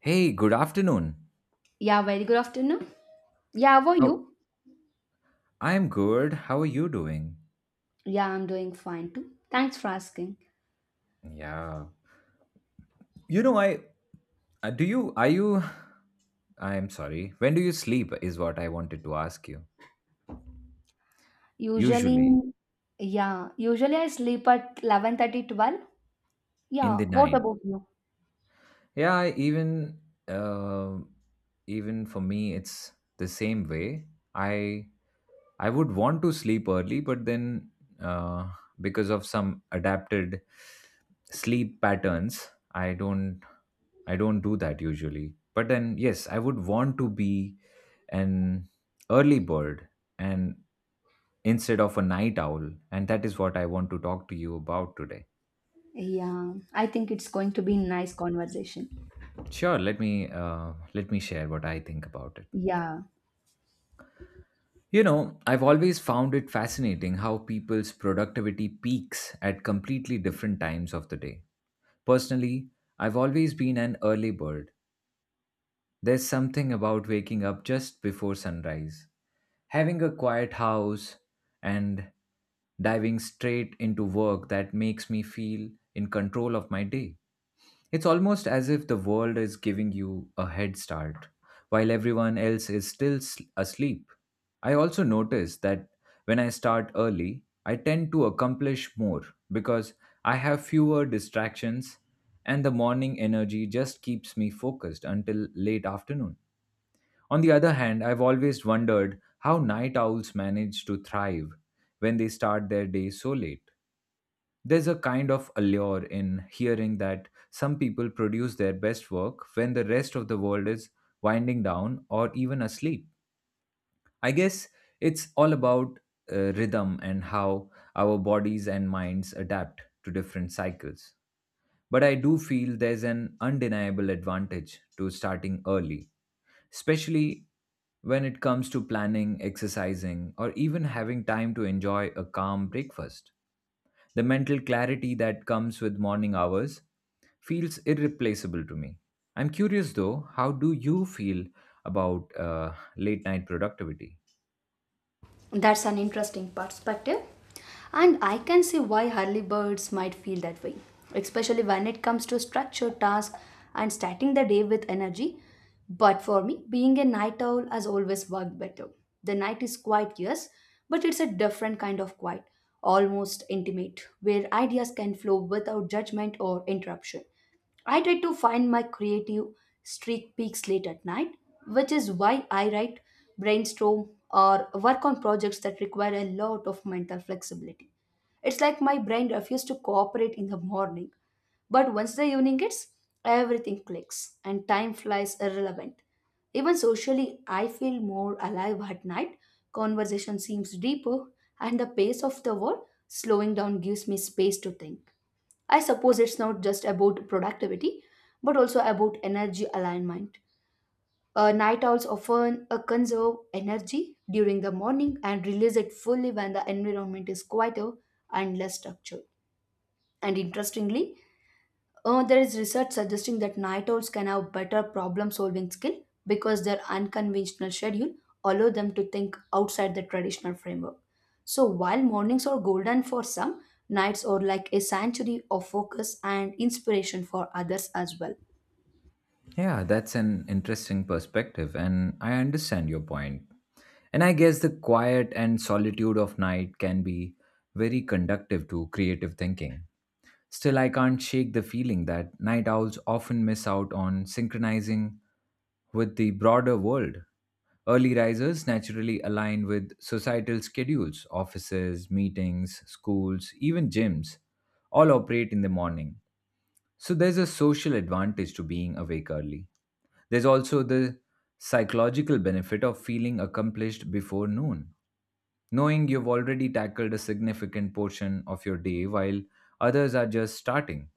Hey, good afternoon. Yeah, very good afternoon. Yeah, how are How you? I'm good. How are you doing? Yeah, I'm doing fine too. Thanks for asking. Yeah. You know, I do you are you I'm sorry. When do you sleep is what I wanted to ask you. Usually, Usually yeah, usually I sleep at 11:30, 12. in Yeah, the what night. about you? Yeah, even uh, even for me it's the same way. I I would want to sleep early, but then uh, because of some adapted sleep patterns, I don't do that usually. But then, yes, I would want to be an early bird and instead of a night owl, and that is what I want to talk to you about today. Yeah, I think it's going to be nice conversation. Sure, let me share what I think about it. Yeah. You know, I've always found it fascinating how people's productivity peaks at completely different times of the day. Personally, I've always been an early bird. There's something about waking up just before sunrise, having a quiet house, and diving straight into work that makes me feel in control of my day. It's almost as if the world is giving you a head start while everyone else is asleep. I also notice that when I start early, I tend to accomplish more because I have fewer distractions and the morning energy just keeps me focused until late afternoon. On the other hand, I've always wondered how night owls manage to thrive when they start their day so late. There's a kind of allure in hearing that some people produce their best work when the rest of the world is winding down or even asleep. I guess it's all about rhythm and how our bodies and minds adapt to different cycles. But I do feel there's an undeniable advantage to starting early, especially when it comes to planning, exercising, or even having time to enjoy a calm breakfast. The mental clarity that comes with morning hours feels irreplaceable to me. I'm curious though, how do you feel about late night productivity? That's an interesting perspective. And I can see why early birds might feel that way, especially when it comes to structured tasks and starting the day with energy. But for me, being a night owl has always worked better. The night is quiet, yes, but it's a different kind of quiet, almost intimate, where ideas can flow without judgment or interruption. I try to find my creative streak peaks late at night, which is why I write, brainstorm, or work on projects that require a lot of mental flexibility. It's like my brain refuses to cooperate in the morning, but once the evening hits, everything clicks and time flies irrelevant. Even socially, I feel more alive at night. Conversation seems deeper, and the pace of the world slowing down gives me space to think. I suppose it's not just about productivity, but also about energy alignment. Night owls often conserve energy during the morning and release it fully when the environment is quieter and less structured. And interestingly, there is research suggesting that night owls can have better problem solving skill because their unconventional schedule allow them to think outside the traditional framework. So while mornings are golden for some, nights are like a sanctuary of focus and inspiration for others as well. Yeah, that's an interesting perspective, and I understand your point. And I guess the quiet and solitude of night can be very conductive to creative thinking. Still, I can't shake the feeling that night owls often miss out on synchronizing with the broader world. Early risers naturally align with societal schedules, offices, meetings, schools, even gyms, all operate in the morning. So there's a social advantage to being awake early. There's also the psychological benefit of feeling accomplished before noon, knowing you've already tackled a significant portion of your day while others are just starting.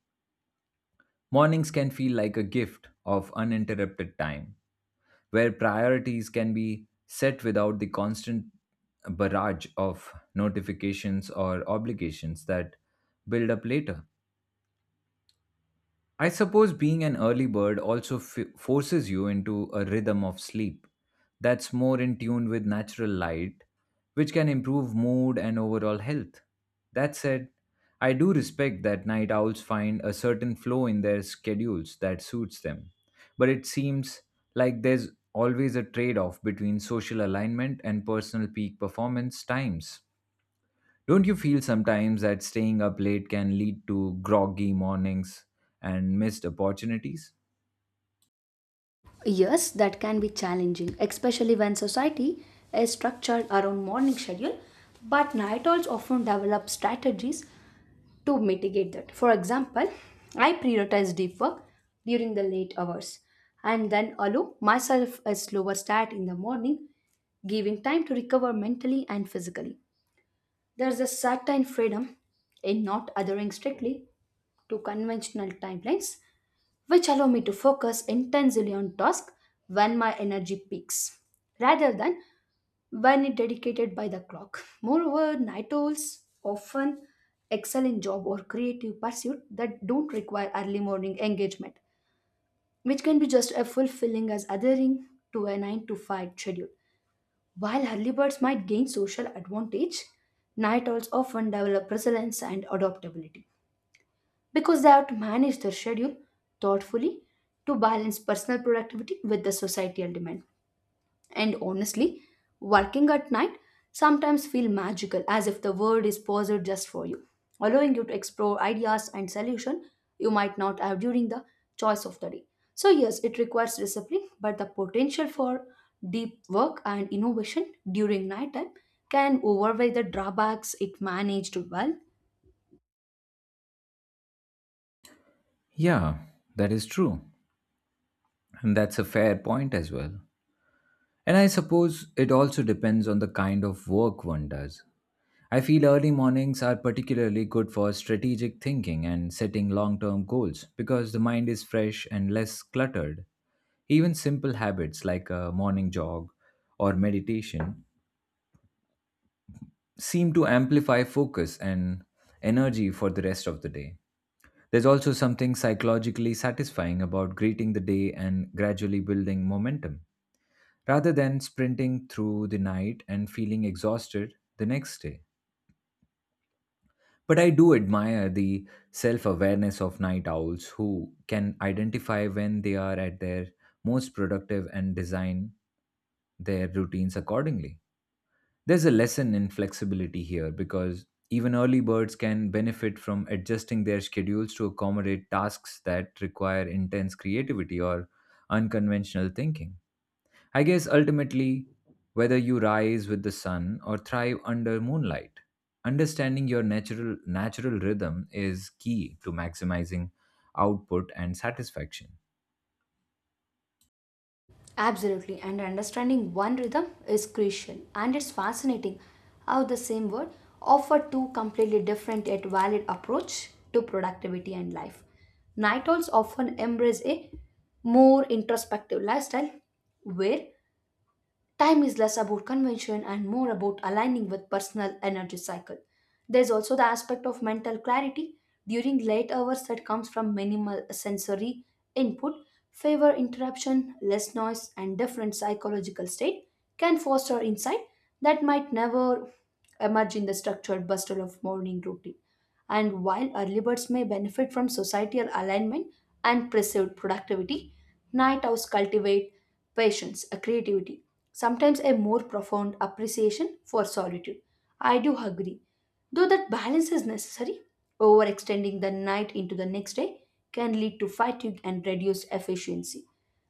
Mornings can feel like a gift of uninterrupted time, where priorities can be set without the constant barrage of notifications or obligations that build up later. I suppose being an early bird also forces you into a rhythm of sleep that's more in tune with natural light, which can improve mood and overall health. That said, I do respect that night owls find a certain flow in their schedules that suits them, but it seems like there's always a trade off between social alignment and personal peak performance times. Don't you feel sometimes that staying up late can lead to groggy mornings and missed opportunities? Yes, that can be challenging, especially when society is structured around morning schedule, but night owls often develop strategies to mitigate that. For example, I prioritize deep work during the late hours and then allow myself a slower start in the morning, giving time to recover mentally and physically. There's a certain freedom in not adhering strictly to conventional timelines which allow me to focus intensely on task when my energy peaks rather than when it dedicated by the clock. Moreover, night owls often excel in job or creative pursuit that don't require early morning engagement, which can be just as fulfilling as adhering to a 9 to 5 schedule. While early birds might gain social advantage, night owls often develop resilience and adaptability because they have to manage their schedule thoughtfully to balance personal productivity with the societal demand. And honestly, working at night sometimes feel magical as if the world is paused just for you, allowing you to explore ideas and solutions you might not have during the choice of the day. So yes, it requires discipline, but the potential for deep work and innovation during nighttime can overweigh the drawbacks it managed well. Yeah, that is true. And that's a fair point as well. And I suppose it also depends on the kind of work one does. I feel early mornings are particularly good for strategic thinking and setting long term goals because the mind is fresh and less cluttered. Even simple habits like a morning jog or meditation seem to amplify focus and energy for the rest of the day. There's also something psychologically satisfying about greeting the day and gradually building momentum, rather than sprinting through the night and feeling exhausted the next day. But I do admire the self awareness of night owls who can identify when they are at their most productive and design their routines accordingly. There's a lesson in flexibility here because even early birds can benefit from adjusting their schedules to accommodate tasks that require intense creativity or unconventional thinking. I guess ultimately, whether you rise with the sun or thrive under moonlight, understanding your natural rhythm is key to maximizing output and satisfaction. Absolutely, and understanding one rhythm is crucial. And it's fascinating how the same word offer two completely different yet valid approach to productivity and life. Night owls often embrace a more introspective lifestyle where time is less about convention and more about aligning with personal energy cycle. There's also the aspect of mental clarity during late hours that comes from minimal sensory input, favor interruption, less noise, and different psychological state can foster insight that might never emerge in the structured bustle of morning routine. And while early birds may benefit from societal alignment and perceived productivity, night owls cultivate patience, a creativity, sometimes a more profound appreciation for solitude. I do agree, though that balance is necessary. Overextending the night into the next day can lead to fatigue and reduced efficiency.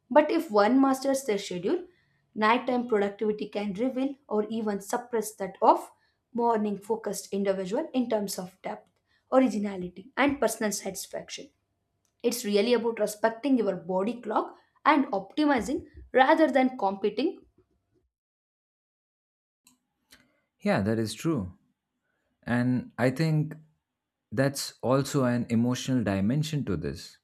But if one masters their schedule, nighttime productivity can reveal or even suppress that of morning focused individual in terms of depth, originality, and personal satisfaction. It's really about respecting your body clock and optimizing rather than competing. Yeah, that is true. And I think that's also an emotional dimension to this.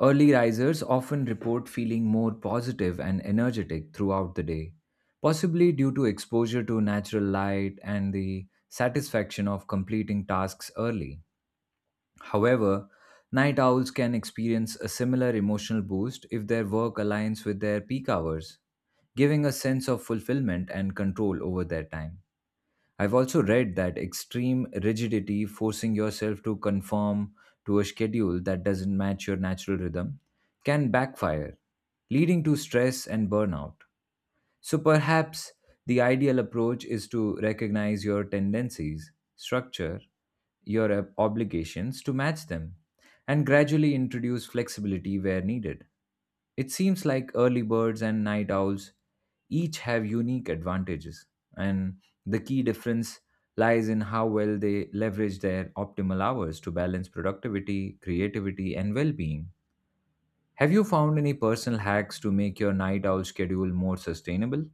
Early risers often report feeling more positive and energetic throughout the day, possibly due to exposure to natural light and the satisfaction of completing tasks early. However, night owls can experience a similar emotional boost if their work aligns with their peak hours, giving a sense of fulfillment and control over their time. I've also read that extreme rigidity, forcing yourself to conform to a schedule that doesn't match your natural rhythm, can backfire, leading to stress and burnout. So perhaps the ideal approach is to recognize your tendencies, structure your obligations to match them, and gradually introduce flexibility where needed. It seems like early birds and night owls each have unique advantages, and the key difference lies in how well they leverage their optimal hours to balance productivity, creativity, and well being. Have you found any personal hacks to make your night owl schedule more sustainable?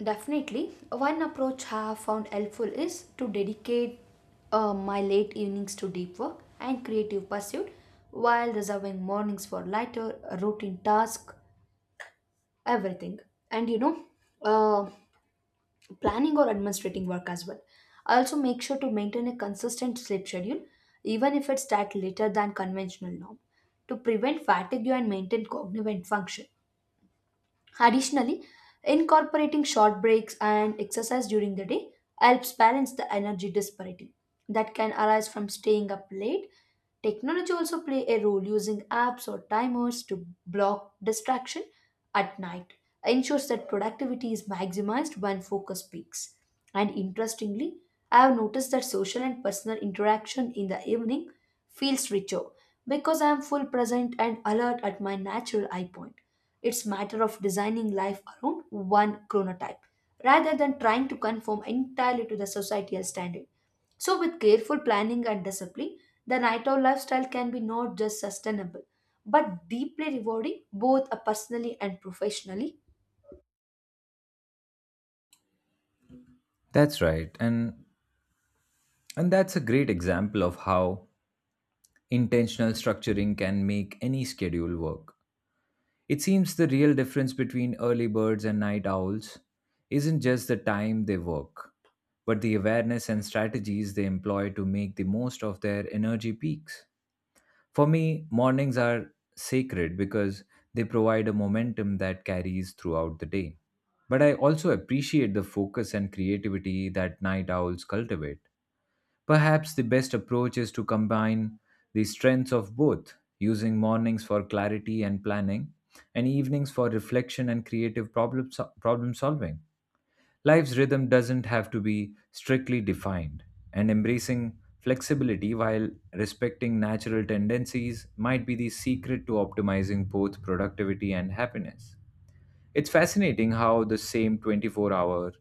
Definitely, one approach I have found helpful is to dedicate my late evenings to deep work and creative pursuit while reserving mornings for lighter routine tasks, everything. And you know, uh, planning or administrating work as well. Also, make sure to maintain a consistent sleep schedule, even if it's at later than conventional norm, to prevent fatigue and maintain cognitive function. Additionally, incorporating short breaks and exercise during the day helps balance the energy disparity that can arise from staying up late. Technology also play a role using apps or timers to block distraction at night ensures that productivity is maximized when focus peaks. And interestingly, I have noticed that social and personal interaction in the evening feels richer because I am full present and alert at my natural eye point it's matter of designing life around one chronotype rather than trying to conform entirely to the societal standard. So with careful planning and discipline, the night owl lifestyle can be not just sustainable but deeply rewarding both personally and professionally. That's right. And that's a great example of how intentional structuring can make any schedule work. It seems the real difference between early birds and night owls isn't just the time they work, but the awareness and strategies they employ to make the most of their energy peaks. For me, mornings are sacred because they provide a momentum that carries throughout the day. But I also appreciate the focus and creativity that night owls cultivate. Perhaps the best approach is to combine the strengths of both, using mornings for clarity and planning, and evenings for reflection and creative problem solving. Life's rhythm doesn't have to be strictly defined, and embracing flexibility while respecting natural tendencies might be the secret to optimizing both productivity and happiness. It's fascinating how the same 24-hour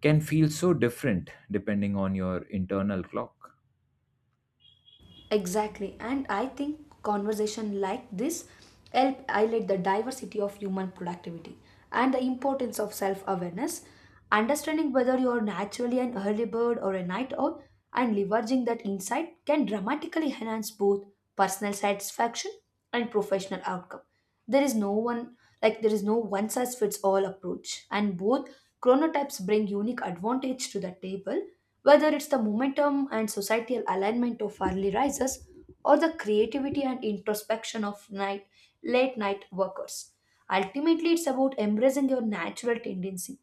can feel so different depending on your internal clock. Exactly. And I think conversation like this help highlight the diversity of human productivity and the importance of self-awareness, understanding whether you are naturally an early bird or a night owl, and leveraging that insight can dramatically enhance both personal satisfaction and professional outcome. There is no one there is no one size fits all approach and both chronotypes bring unique advantage to the table whether it's the momentum and societal alignment of early risers or the creativity and introspection of night late night workers. Ultimately, it's about embracing your natural tendency,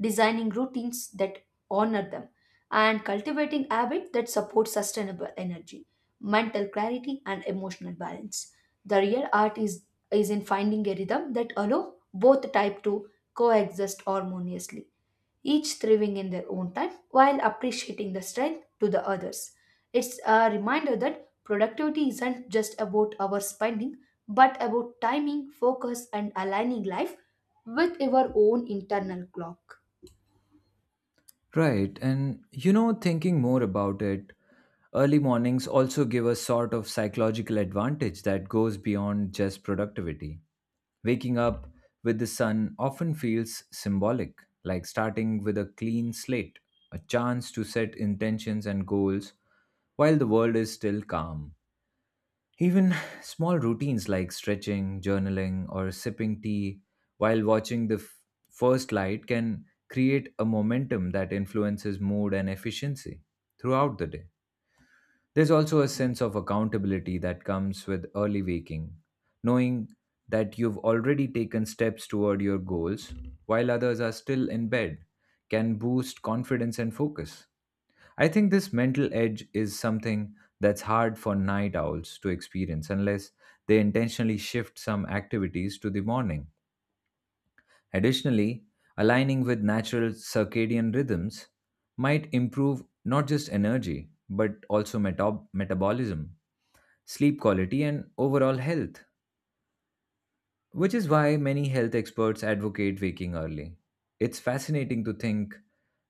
designing routines that honor them, and cultivating habits that support sustainable energy mental clarity, and emotional balance. The real art is in finding a rhythm that allow both type to coexist harmoniously, each thriving in their own time while appreciating the strength to the others. It's a reminder that productivity isn't just about our spending, but about timing, focus, and aligning life with your own internal clock. Right, and you know, thinking more about it, early mornings also give a sort of psychological advantage that goes beyond just productivity. Waking up with the sun often feels symbolic, like starting with a clean slate, a chance to set intentions and goals while the world is still calm. Even small routines like stretching, journaling, or sipping tea while watching the first light can create a momentum that influences mood and efficiency throughout the day. There's also a sense of accountability that comes with early waking, knowing that you've already taken steps toward your goals while others are still in bed can boost confidence and focus. I think this mental edge is something that's hard for night owls to experience unless they intentionally shift some activities to the morning. Additionally, aligning with natural circadian rhythms might improve not just energy, but also metabolism, sleep quality, and overall health, which is why many health experts advocate waking early. It's fascinating to think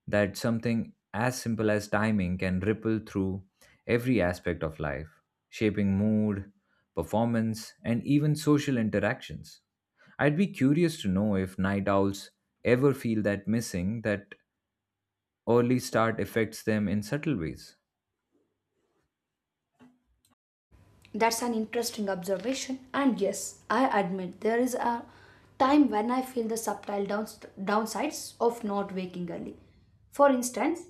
that something as simple as timing can ripple through every aspect of life, shaping mood, performance, and even social interactions. I'd be curious to know if night owls ever feel that missing that early start affects them in subtle ways. That's an interesting observation, and yes, I admit there is a time when I feel the subtle downsides of not waking early. For instance,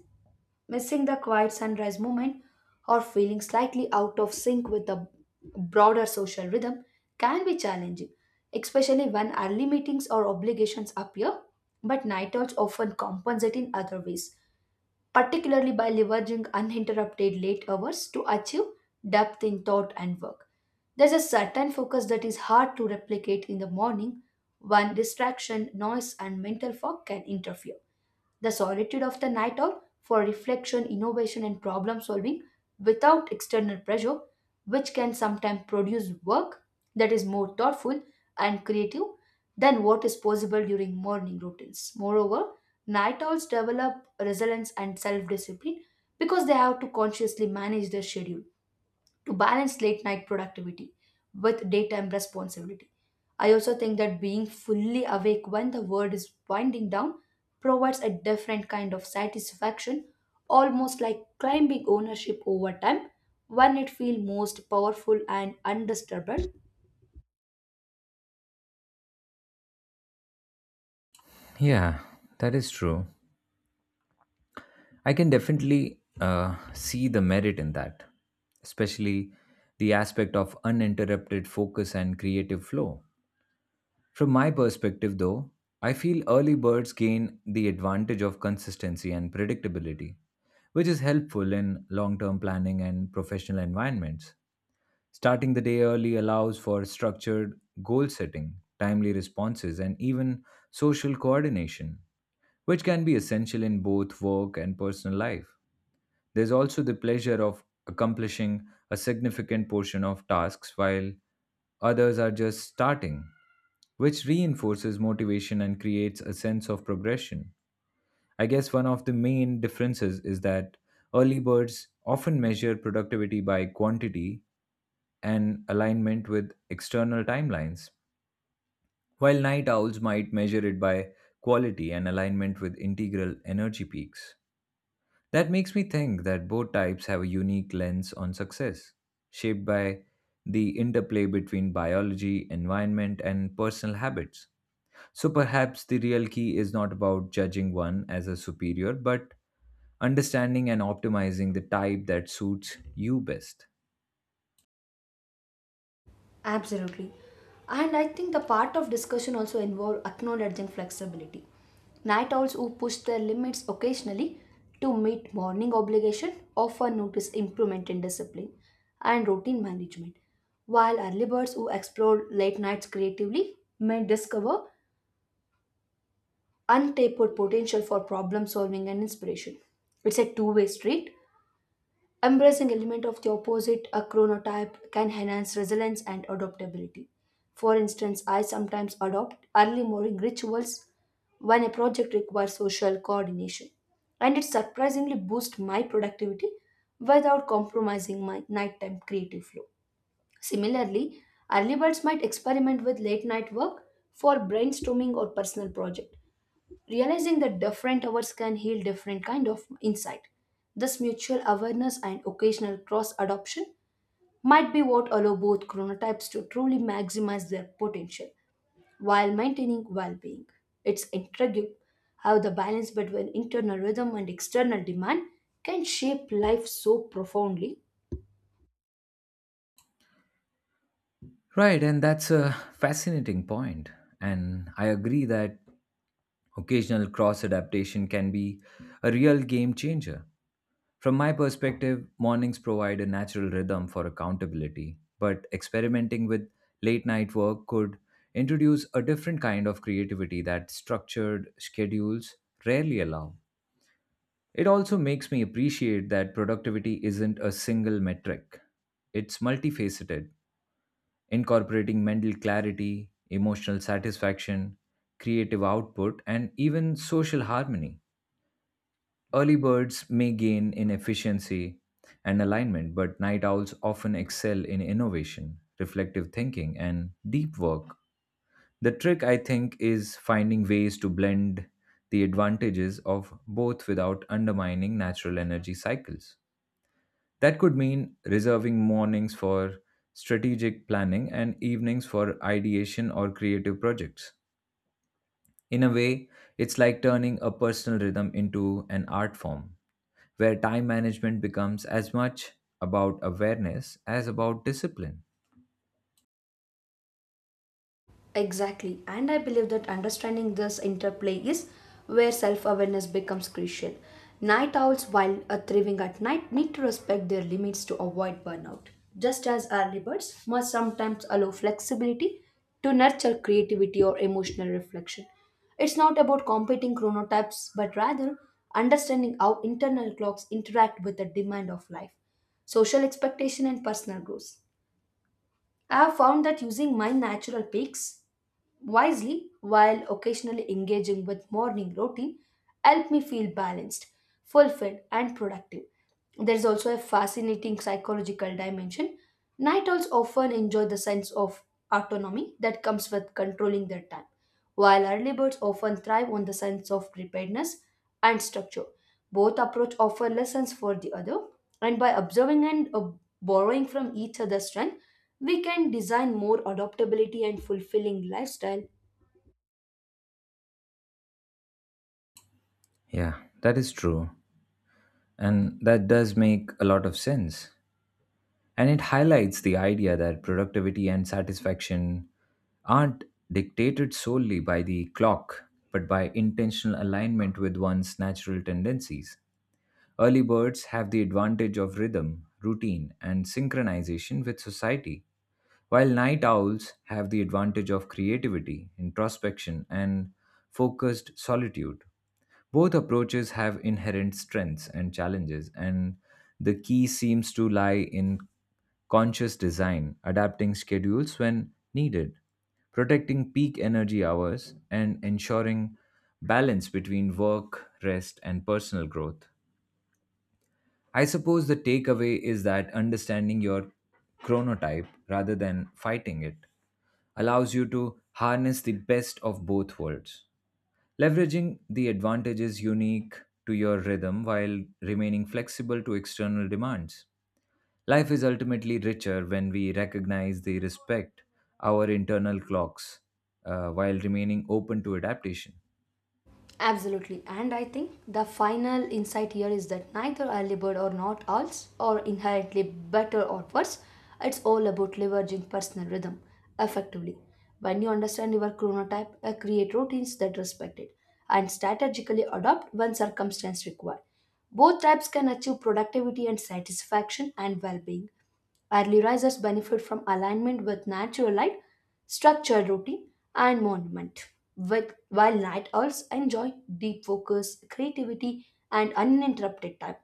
missing the quiet sunrise moment or feeling slightly out of sync with the broader social rhythm can be challenging, especially when early meetings or obligations appear, but night owls often compensate in other ways particularly by leveraging uninterrupted late hours to achieve depth in thought and work. There's a certain focus that is hard to replicate in the morning when distraction, noise, and mental fog can interfere. The solitude of the night owl for reflection, innovation, and problem solving without external pressure, which can sometimes produce work that is more thoughtful and creative than what is possible during morning routines. Moreover, night owls develop resilience and self discipline because they have to consciously manage their schedule to balance late night productivity with daytime responsibility. I also think that being fully awake when the world is winding down provides a different kind of satisfaction, almost like climbing ownership over time when it feels most powerful and undisturbed. Yeah, that is true. I can definitely see the merit in that, especially the aspect of uninterrupted focus and creative flow. From my perspective, though, I feel early birds gain the advantage of consistency and predictability, which is helpful in long term planning and professional environments. Starting the day early allows for structured goal setting, timely responses, and even social coordination, which can be essential in both work and personal life. There's also the pleasure of accomplishing a significant portion of tasks while others are just starting, which reinforces motivation and creates a sense of progression. I guess one of the main differences is that early birds often measure productivity by quantity and alignment with external timelines, while night owls might measure it by quality and alignment with integral energy peaks. That makes me think that both types have a unique lens on success, shaped by the interplay between biology, environment, and personal habits. So perhaps the real key is not about judging one as a superior, but understanding and optimizing the type that suits you best. Absolutely. And I think the part of discussion also involved acknowledging flexibility. Night owls who push their limits occasionally to meet morning obligation often notice improvement in discipline and routine management, while early birds who explore late nights creatively may discover untapped potential for problem solving and inspiration. It's a two-way street. Embracing element of the opposite a chronotype can enhance resilience and adaptability. For instance, I sometimes adopt early morning rituals when a project requires social coordination, and it surprisingly boosts my productivity without compromising my nighttime creative flow. Similarly, early birds might experiment with late night work for brainstorming or personal project realizing that different hours can heal different kind of insight this mutual awareness and occasional cross adoption might be what allow both chronotypes to truly maximize their potential while maintaining well-being. It's intriguing how the balance between internal rhythm and external demand can shape life so profoundly. Right, and that's a fascinating point. And I agree that occasional cross adaptation can be a real game changer. From my perspective, mornings provide a natural rhythm for accountability, but experimenting with late night work could introduce a different kind of creativity that structured schedules rarely allow. It also makes me appreciate that productivity isn't a single metric, it's multifaceted, incorporating mental clarity, emotional satisfaction, creative output, and even social harmony. Early birds may gain in efficiency and alignment, but night owls often excel in innovation, reflective thinking, and deep work. The trick, I think, is finding ways to blend the advantages of both without undermining natural energy cycles. That could mean reserving mornings for strategic planning and evenings for ideation or creative projects. In a way, it's like turning a personal rhythm into an art form where time management becomes as much about awareness as about discipline. Exactly, and I believe that understanding this interplay is where self awareness becomes crucial. Night owls, while thriving at night, need to respect their limits to avoid burnout, just as early birds must sometimes allow flexibility to nurture creativity or emotional reflection. It's not about competing chronotypes, but rather understanding how internal clocks interact with the demand of life, social expectation, and personal growth. I have found that using my natural peaks wisely while occasionally engaging with morning routine help me feel balanced, fulfilled, and productive. There is also a fascinating psychological dimension. Night owls often enjoy the sense of autonomy that comes with controlling their time, while early birds often thrive on the sense of preparedness and structure. Both approach offer lessons for the other, and by observing and borrowing from each other's strength, we can design more adaptability and fulfilling lifestyle. Yeah, that is true. And that does make a lot of sense. And it highlights the idea that productivity and satisfaction aren't dictated solely by the clock, but by intentional alignment with one's natural tendencies. Early birds have the advantage of rhythm, routine, and synchronization with society, while night owls have the advantage of creativity, introspection, and focused solitude. Both approaches have inherent strengths and challenges, and the key seems to lie in conscious design, adapting schedules when needed, protecting peak energy hours, and ensuring balance between work, rest, and personal growth. I suppose the takeaway is that understanding your chronotype rather than fighting it allows you to harness the best of both worlds, leveraging the advantages unique to your rhythm while remaining flexible to external demands. Life is ultimately richer when we recognize the respect our internal clocks while remaining open to adaptation. Absolutely. And I think the final insight here is that neither early bird or not alls or inherently better or worse. It's all about leveraging personal rhythm effectively. When you understand your chronotype, create routines that respect it and strategically adapt when circumstance require. Both types can achieve productivity and satisfaction and well being. Early risers benefit from alignment with natural light, structured routine, and monument, with, while night owls enjoy deep focus, creativity, and uninterrupted time.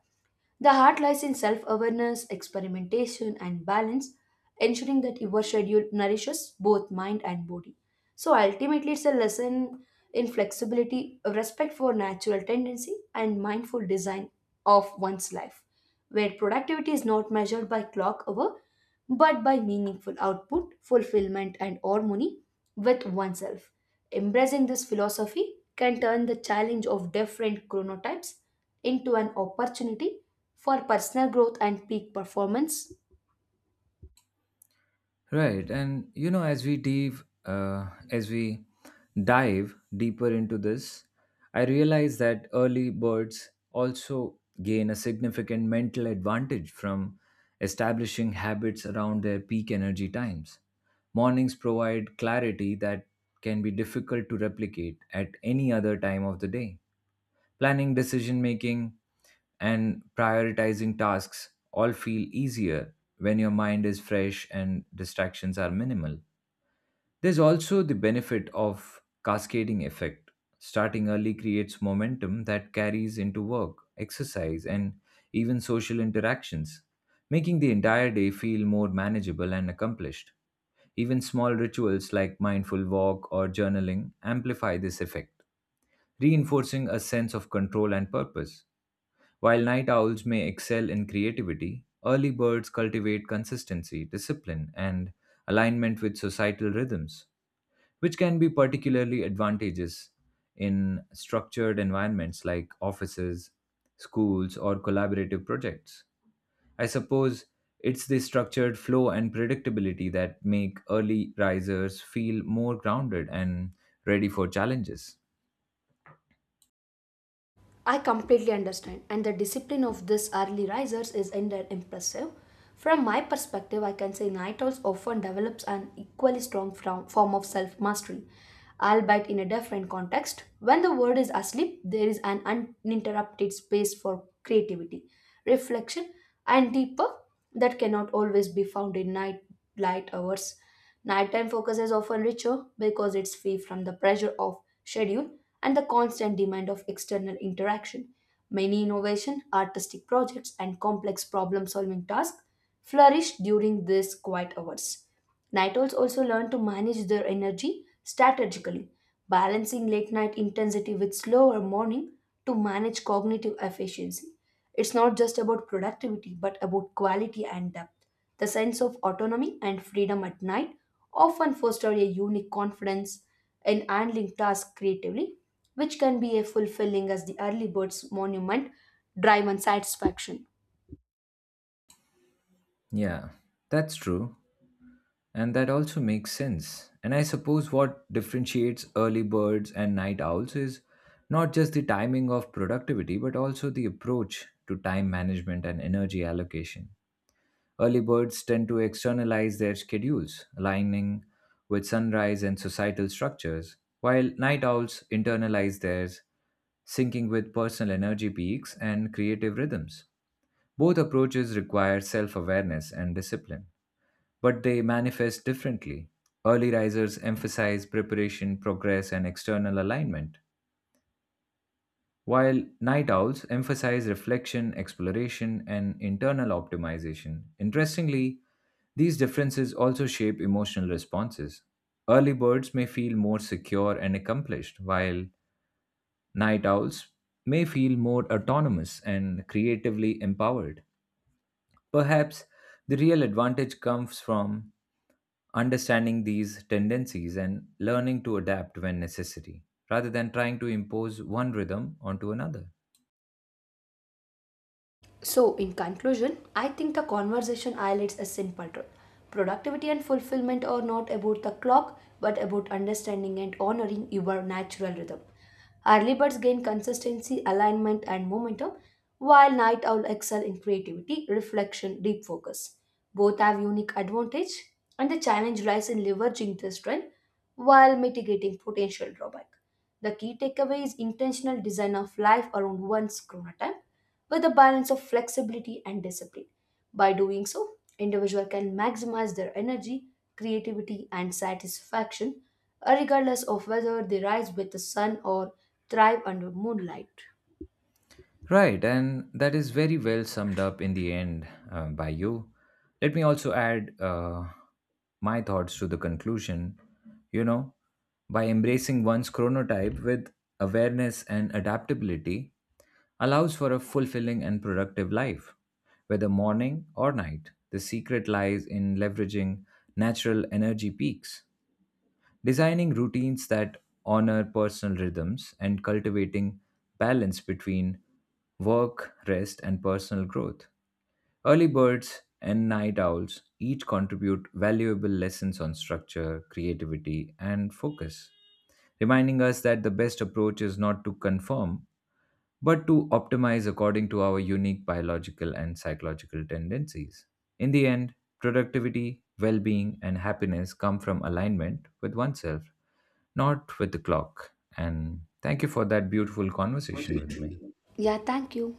The heart lies in self awareness, experimentation, and balance, ensuring that your schedule nourishes both mind and body. So ultimately, it's a lesson in flexibility, respect for natural tendency, and mindful design of one's life where productivity is not measured by clock hour but by meaningful output, fulfillment, and harmony with oneself. Embracing this philosophy can turn the challenge of different chronotypes into an opportunity for personal growth and peak performance. Right, and you know, as we dive deeper into this, I realize that early birds also gain a significant mental advantage from establishing habits around their peak energy times. Mornings provide clarity that can be difficult to replicate at any other time of the day. Planning, decision making, and prioritizing tasks all feel easier when your mind is fresh and distractions are minimal. There's also the benefit of cascading effect. Starting early creates momentum that carries into work, exercise, and even social interactions, making the entire day feel more manageable and accomplished. Even small rituals like mindful walk or journaling amplify this effect, reinforcing a sense of control and purpose. While night owls may excel in creativity, early birds cultivate consistency, discipline, and alignment with societal rhythms, which can be particularly advantageous in structured environments like offices, schools, or collaborative projects. I suppose it's the structured flow and predictability that make early risers feel more grounded and ready for challenges. I completely understand, and the discipline of these early risers is indeed impressive. From my perspective, I can say night owls often develops an equally strong form of self mastery, albeit in a different context. When the world is asleep, there is an uninterrupted space for creativity, reflection, and deeper that cannot always be found in night light hours. Nighttime focus is often richer because it's free from the pressure of schedule and the constant demand of external interaction. Many innovation, artistic projects, and complex problem solving tasks flourish during these quiet hours. Night owls also learn to manage their energy strategically, balancing late night intensity with slower morning to manage cognitive efficiency. It's not just about productivity, but about quality and depth. The sense of autonomy and freedom at night often foster a unique confidence in handling tasks creatively, which can be as fulfilling as the early bird's monument drive and satisfaction. Yeah, that's true. And that also makes sense. And I suppose what differentiates early birds and night owls is not just the timing of productivity, but also the approach to time management and energy allocation. Early birds tend to externalize their schedules, aligning with sunrise and societal structures, while night owls internalize theirs, syncing with personal energy peaks and creative rhythms. Both approaches require self awareness and discipline but they manifest differently. Early risers emphasize preparation, progress, and external alignment, while night owls emphasize reflection, exploration, and internal optimization. Interestingly, these differences also shape emotional responses. Early birds may feel more secure and accomplished, while night owls may feel more autonomous and creatively empowered. Perhaps the real advantage comes from understanding these tendencies and learning to adapt when necessary, rather than trying to impose one rhythm onto another. So, in conclusion, I think the conversation highlights a simple truth. Productivity and fulfillment are not about the clock, but about understanding and honoring your natural rhythm. Early birds gain consistency, alignment, and momentum, while night owl excel in creativity, reflection, deep focus. Both have unique advantage, and the challenge lies in leveraging this strength while mitigating potential drawback. The key takeaway is intentional design of life around one's chronotype with a balance of flexibility and discipline. By doing so, individual can maximize their energy, creativity, and satisfaction, regardless of whether they rise with the sun or thrive under moonlight. Right, and that is very well summed up in the end by you. Let me also add my thoughts to the conclusion. You know, by embracing one's chronotype with awareness and adaptability, allows for a fulfilling and productive life, whether morning or night. The secret lies in leveraging natural energy peaks. Designing routines that honor personal rhythms and cultivating balance between work, rest, and personal growth. Early birds and night owls each contribute valuable lessons on structure, creativity, and focus, reminding us that the best approach is not to conform, but to optimize according to our unique biological and psychological tendencies. In the end, productivity, well being, and happiness come from alignment with oneself, not with the clock. And thank you for that beautiful conversation with me. Yeah, thank you.